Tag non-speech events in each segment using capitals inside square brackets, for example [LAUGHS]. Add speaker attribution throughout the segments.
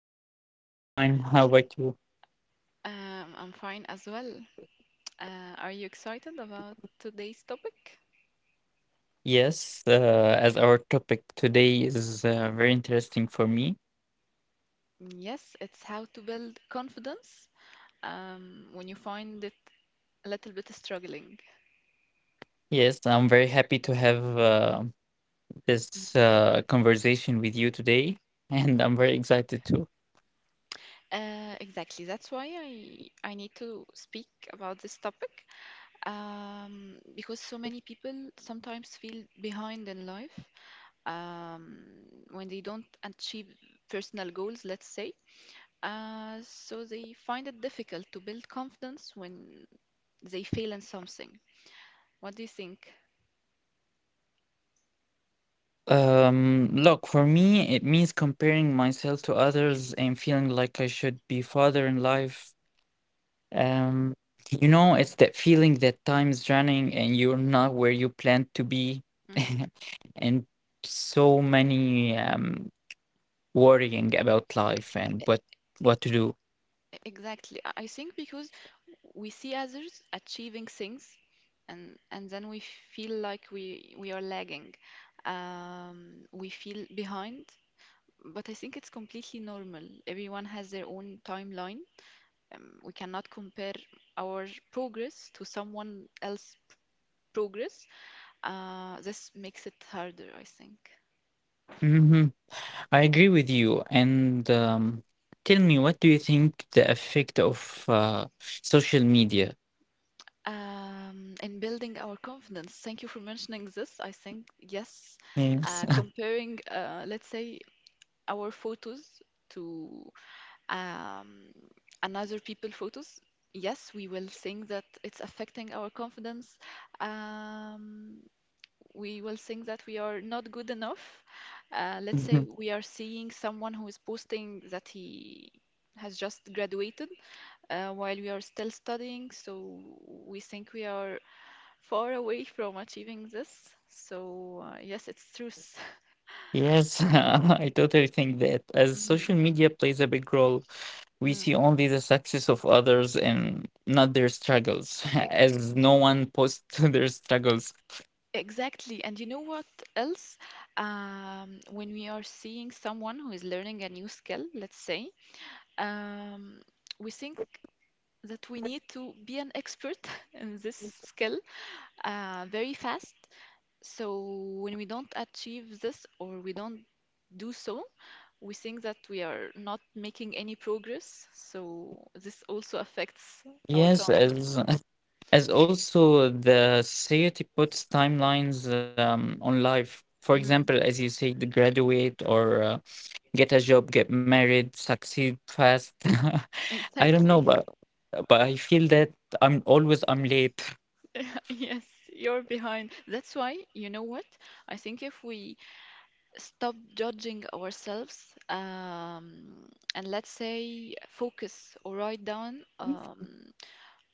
Speaker 1: morning. I'm fine. How about you?
Speaker 2: I'm fine as well. Are you excited about today's topic?
Speaker 1: Yes, as our topic today is very interesting for me.
Speaker 2: Yes, it's how to build confidence when you find it a little bit struggling.
Speaker 1: Yes, I'm very happy to have
Speaker 2: Mhm,
Speaker 1: this conversation with you today, [LAUGHS] and I'm
Speaker 2: mhm.
Speaker 1: very excited too.
Speaker 2: Exactly. That's why I need to speak about this topic because so many people sometimes feel behind in life um, when they don't achieve personal goals, let's say. So they find it difficult to build confidence when they fail in something. What do you think?
Speaker 1: Look, for me, it means comparing myself to others and feeling like I should be farther in life. Um, you know, it's that feeling that time's running and you're not where you planned to be.
Speaker 2: Hmm.
Speaker 1: [LAUGHS] And so many worrying about life and what to do.
Speaker 2: Exactly. I think because we see others achieving things, and then we feel like we are lagging. We feel behind, but I think it's completely normal. Everyone has their own timeline. We cannot compare our progress to someone else's progress. This makes it harder, I think.
Speaker 1: Hmm. I agree with you. And tell me, what do you think the effect of social media
Speaker 2: In building our confidence, thank you for mentioning this. I think, yes,
Speaker 1: is?
Speaker 2: comparing, let's say, our photos to um, another people photos, yes, we will think that it's affecting our confidence. Um, we will think that we are not good enough. Let's say
Speaker 1: [LAUGHS]
Speaker 2: we are seeing someone who is posting that he has just graduated while we are still studying, so we think we are far away from achieving this. So yes, it's truth.
Speaker 1: Yes, [LAUGHS] I totally think that as
Speaker 2: Mm,
Speaker 1: social media plays a big role, we
Speaker 2: mm,
Speaker 1: see only the success of others and not their struggles,
Speaker 2: e-
Speaker 1: [LAUGHS] as no one posts [LAUGHS] their struggles.
Speaker 2: exactly. And you know what else? When we are seeing someone who is learning a new skill, let's say, um, we think that we need to be an expert [LAUGHS] in this skill very fast. So when we don't achieve this or we don't do so, we think that we are not making any progress, so this also affects our
Speaker 1: Yes,
Speaker 2: confidence.
Speaker 1: as [LAUGHS] as also the society puts timelines on life. For example,
Speaker 2: Mhm.
Speaker 1: as you say, the graduate or get a job, get married, succeed fast. [LAUGHS] I don't know,
Speaker 2: Exactly.
Speaker 1: but I feel that I'm late. [LAUGHS]
Speaker 2: [LAUGHS] Yes, you're behind. That's why, you know what? I think if we stop judging ourselves and let's say focus or write down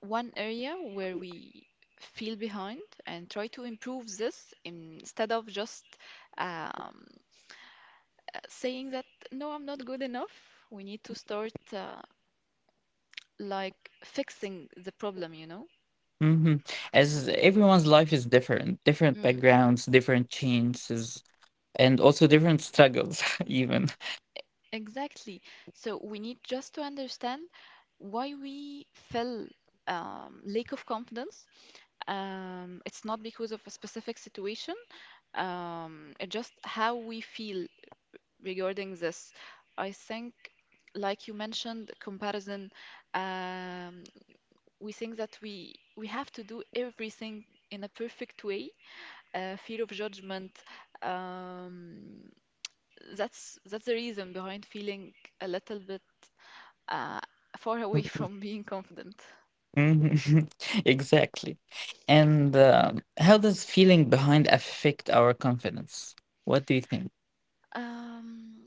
Speaker 2: one area where we feel behind and try to improve this instead of just um, saying that no, I'm not good enough. We need to start like fixing the problem, you know?
Speaker 1: Hmm. As everyone's life is different, different
Speaker 2: Mm.
Speaker 1: backgrounds, different changes, and also different struggles, [LAUGHS] even.
Speaker 2: Exactly. So we need just to understand why we feel lack of confidence. It's not because of a specific situation, it's just how we feel regarding this. I think, like you mentioned, comparison, um, we think that we have to do everything in a perfect way, fear of judgment. Um, that's the reason behind feeling a little bit uh, far [LAUGHS] away from being confident.
Speaker 1: Mhm. [LAUGHS] Exactly. And how does feeling behind affect our confidence? What do you think?
Speaker 2: Um,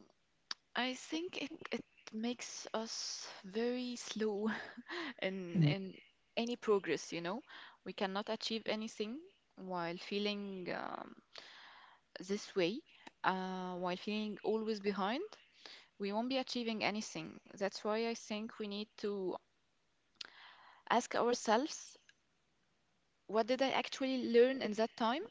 Speaker 2: I think it makes us very slow [LAUGHS] in
Speaker 1: Mm.
Speaker 2: in any progress, you know. We cannot achieve anything while feeling this way, while feeling always behind. We won't be achieving anything. That's why I think we need to ask ourselves what did I actually learn in that time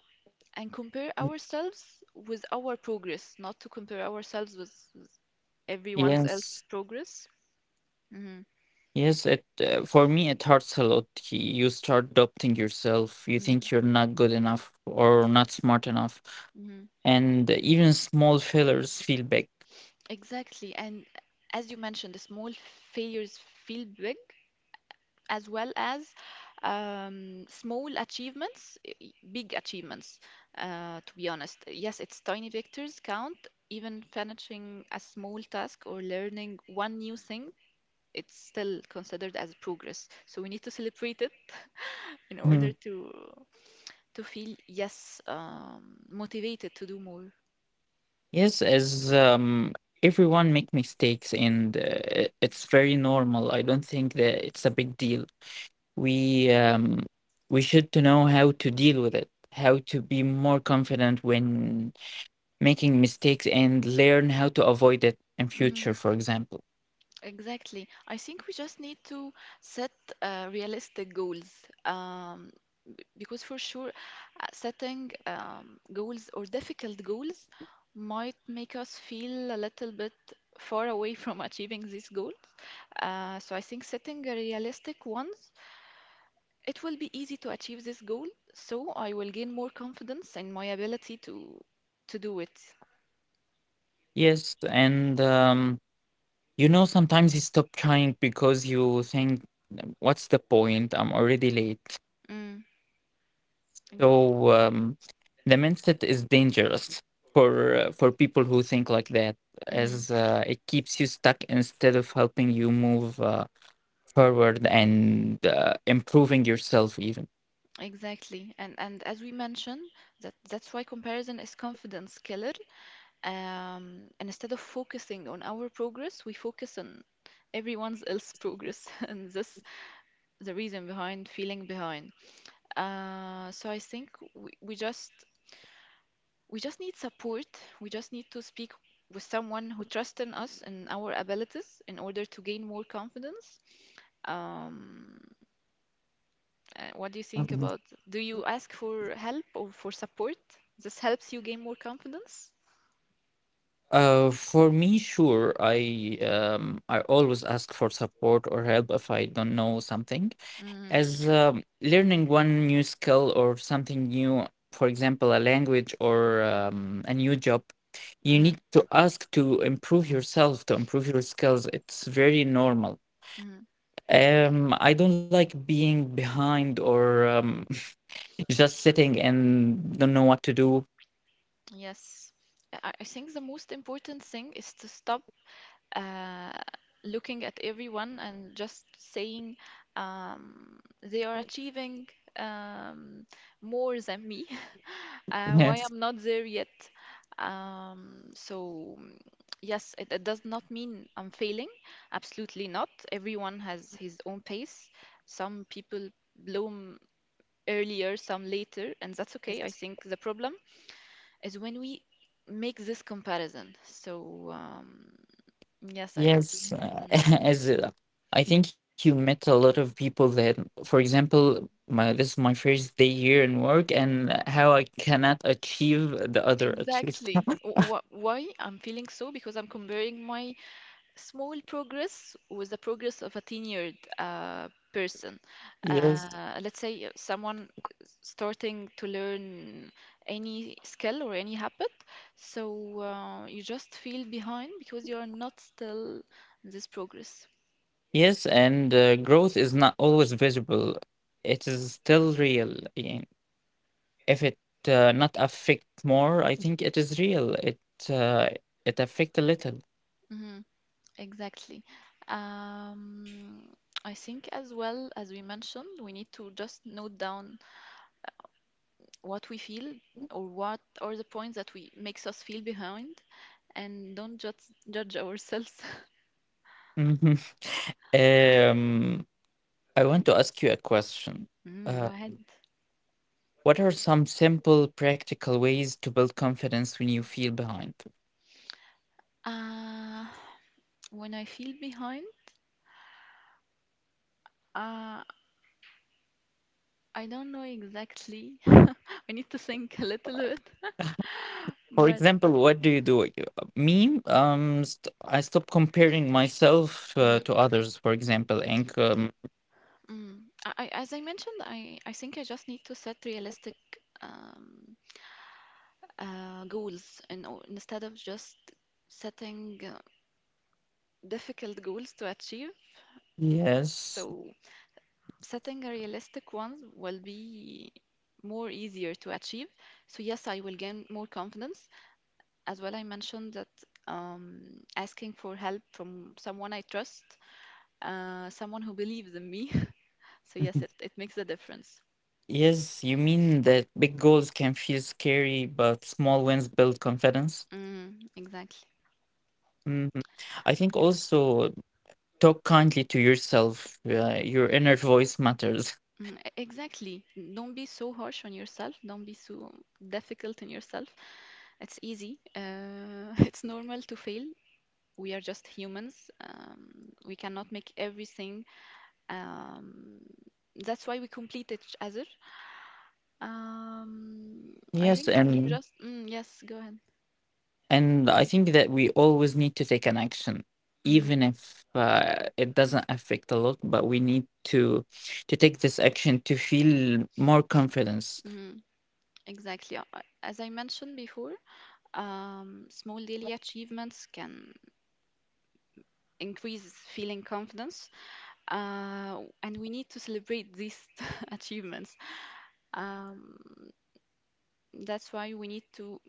Speaker 2: and compare ourselves with our progress, not to compare ourselves with everyone's else
Speaker 1: Yes.
Speaker 2: progress. Hmm.
Speaker 1: Yes, it for me it hurts a lot. You start doubting yourself. You think you're not good enough or not smart enough,
Speaker 2: Hmm.
Speaker 1: and even small failures feel big.
Speaker 2: Exactly. And as you mentioned, the small failures feel big as well as small achievements, big achievements, to be honest. Yes, it's tiny victories count, even finishing a small task or learning one new thing, it's still considered as progress. So we need to celebrate it in order
Speaker 1: Mhm.
Speaker 2: to feel, yes, motivated to do more.
Speaker 1: Yes, as everyone make mistakes, and it's very normal. I don't think that it's a big deal. We um, we should to know how to deal with it, how to be more confident when making mistakes, and learn how to avoid it in
Speaker 2: Hmm.
Speaker 1: future. For example,
Speaker 2: Exactly. I think we just need to set realistic goals. Um, because for sure, setting goals or difficult goals might make us feel a little bit far away [LAUGHS] from achieving these goals. So I think setting a realistic ones, it will be easy to achieve this goal, so I will gain more confidence in my ability to do it.
Speaker 1: yes, and you know sometimes you stop trying because you think, what's the point? I'm already late.
Speaker 2: Mm, mm,
Speaker 1: So the mindset is dangerous for people who think like that,
Speaker 2: mhm,
Speaker 1: as it keeps you stuck instead of helping you move forward and improving yourself even.
Speaker 2: exactly. And as we mentioned, that's why comparison is confidence killer. And instead of focusing on our progress, we focus on everyone's else progress, [LAUGHS] and this the reason behind feeling behind. So I think we just We just need support. We just need to speak with someone who trusts in us and our abilities in order to gain more confidence. Um, what do you think
Speaker 1: Mhm.
Speaker 2: about? Do you ask for help or for support? This helps you gain more confidence.
Speaker 1: For me, sure. I always ask for support or help if I don't know something.
Speaker 2: Mm-hmm,
Speaker 1: As learning one new skill or something new, for example, a language or a new job, you
Speaker 2: mm-hmm.
Speaker 1: need to ask to improve yourself to improve your skills. It's very normal.
Speaker 2: Hmm.
Speaker 1: I don't like being behind, or [LAUGHS] just sitting and don't know what to do.
Speaker 2: Yes. I think the most important thing is to stop uh, looking at everyone and just saying they are achieving um, more than me. [LAUGHS] Why
Speaker 1: Yes.
Speaker 2: I'm not there yet. So yes, it does not mean I'm failing. Absolutely not. Everyone has his own pace. Some people bloom earlier, some later, and that's okay. I think the problem is when we make this comparison. So yes, I
Speaker 1: Yes,
Speaker 2: agree.
Speaker 1: [LAUGHS]
Speaker 2: Mm.
Speaker 1: as I think you met a lot of people that, for example, my this is my first day here in work and how I cannot achieve the other achieved.
Speaker 2: Exactly. Why I'm feeling so? Because I'm comparing my small progress was the progress of a tenured person.
Speaker 1: [LAUGHS] Yes.
Speaker 2: Let's say someone starting to learn any skill or any habit, so you just feel behind because you are not still in this progress.
Speaker 1: Yes, and growth is not always visible, it is still real, yeah. If it not affect more, I think it is real. Uh, it affect a little.
Speaker 2: Mhm, exactly. Um, I think as well as we mentioned, we need to just note down what we feel or what are the points that we makes us feel behind and don't judge ourselves. [LAUGHS]
Speaker 1: Mhm. [LAUGHS] Um, I want to ask you a question.
Speaker 2: Mm,
Speaker 1: Uh,
Speaker 2: go ahead.
Speaker 1: what are some simple, practical ways to build confidence when you feel behind?
Speaker 2: Uh, when I feel behind, uh, I don't know exactly. [LAUGHS] I need to think a little bit,
Speaker 1: For
Speaker 2: but
Speaker 1: example, what do you do? Me, st I stop comparing myself
Speaker 2: mm,
Speaker 1: to others, for example, and
Speaker 2: mm, as I mentioned, I think I just need to set realistic um, goals, and instead of just setting difficult goals to achieve.
Speaker 1: yes.
Speaker 2: So setting a realistic ones will be more easier to achieve. So yes, I will gain more confidence. As well, I mentioned that asking for help from someone I trust, someone who believes in me. [LAUGHS] So, yes, it,
Speaker 1: [LAUGHS]
Speaker 2: it makes a difference.
Speaker 1: Yes, you mean that big goals can feel scary, but small wins build confidence?
Speaker 2: Mm, exactly.
Speaker 1: Hmm. I think also talk kindly to yourself. Your inner voice matters.
Speaker 2: Mm, exactly. Don't be so harsh on yourself. Don't be so difficult on yourself. It's easy. [LAUGHS] It's normal to fail. We are just humans. We cannot make everything. Um, that's why we complete each other. Um, I
Speaker 1: Yes,
Speaker 2: think we just. Mm, yes, go ahead.
Speaker 1: and I think that we always need to take an action,
Speaker 2: Mm-hmm.
Speaker 1: even if it doesn't affect a lot, but we need to take this action to feel more confidence.
Speaker 2: Mhm. Exactly. As I mentioned before, small daily achievements can increase feeling confidence, and we need to celebrate these [LAUGHS] achievements. Um, that's why we need to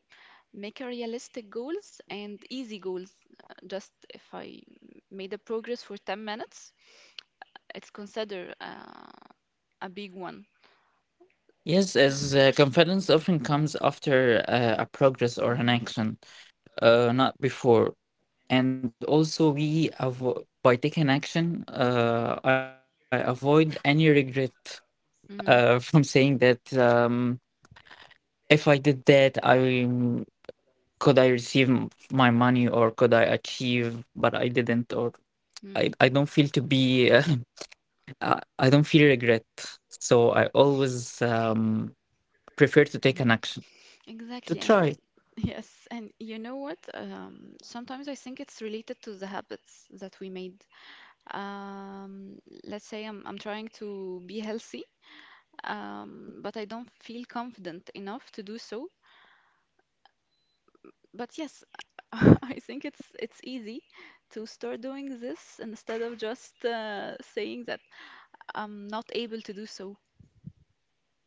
Speaker 2: make a realistic goals and easy goals. Just if I made a progress for 10 minutes, it's considered a big one.
Speaker 1: Yes, as confidence often comes after a progress or an
Speaker 2: Mhm,
Speaker 1: action, not before. And also by taking action I avoid any regret, [LAUGHS] from saying
Speaker 2: mhm,
Speaker 1: that, if I did that, I could I receive my money or could I achieve, but I didn't, or I don't feel to be [LAUGHS] I don't feel regret, so I always, prefer to take an
Speaker 2: mhm.
Speaker 1: action to
Speaker 2: Exactly,
Speaker 1: try.
Speaker 2: and [LAUGHS] yes, and you know what? Sometimes I think it's related to the habits that we made. Um, let's say I'm trying to be healthy, but I don't feel confident enough to do so. But yes, [LAUGHS] I think it's easy to start doing this instead of just saying that I'm not able to do so.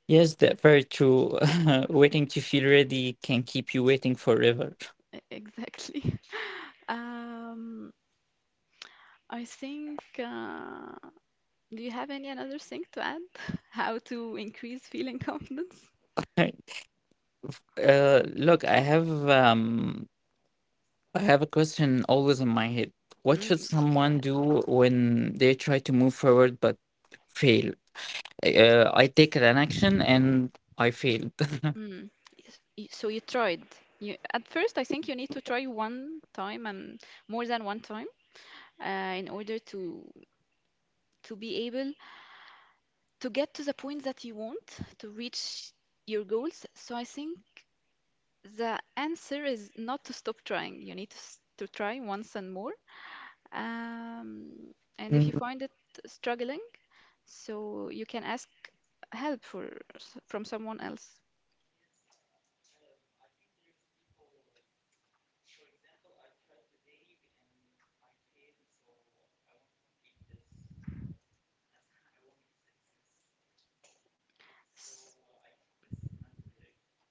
Speaker 1: Yes, that very true. [LAUGHS] Waiting to feel ready can keep you waiting forever.
Speaker 2: Exactly. [LAUGHS] Um, I think. Do you have any another thing to add? [LAUGHS] How to increase feeling [LAUGHS] confidence?
Speaker 1: [LAUGHS] Look, I have a question always in my head. What should
Speaker 2: Mm, go
Speaker 1: someone
Speaker 2: ahead.
Speaker 1: do when they try to move forward but fail? I take an action and I failed. [LAUGHS]
Speaker 2: Mm. Yes, so you tried. You, at first, I think you need to try one time and more than one time in order to be able to get to the point that you want to reach your goals. So I think the answer is not to stop trying. You need to to try once and more. Um, and if you find it struggling, so you can ask helpful from someone else.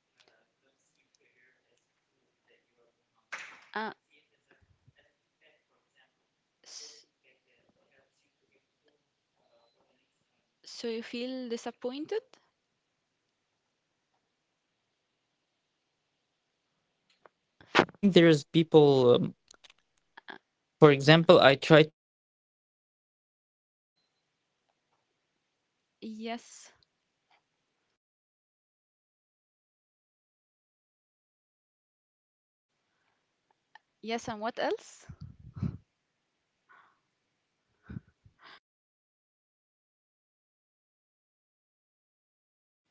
Speaker 1: Mm.
Speaker 2: Uh, s- so you feel disappointed?
Speaker 1: Yes, I think there's people. For example, I tried today and I failed, so I won't complete this
Speaker 2: Yes.
Speaker 1: um, as [LAUGHS] I won't be success. So I think this is not correct. Don't see failure as
Speaker 2: Yes, and what
Speaker 1: proof that
Speaker 2: else?
Speaker 1: you are behind. See it as a feedback. For example, a good feedback that helps you to improve for the next time.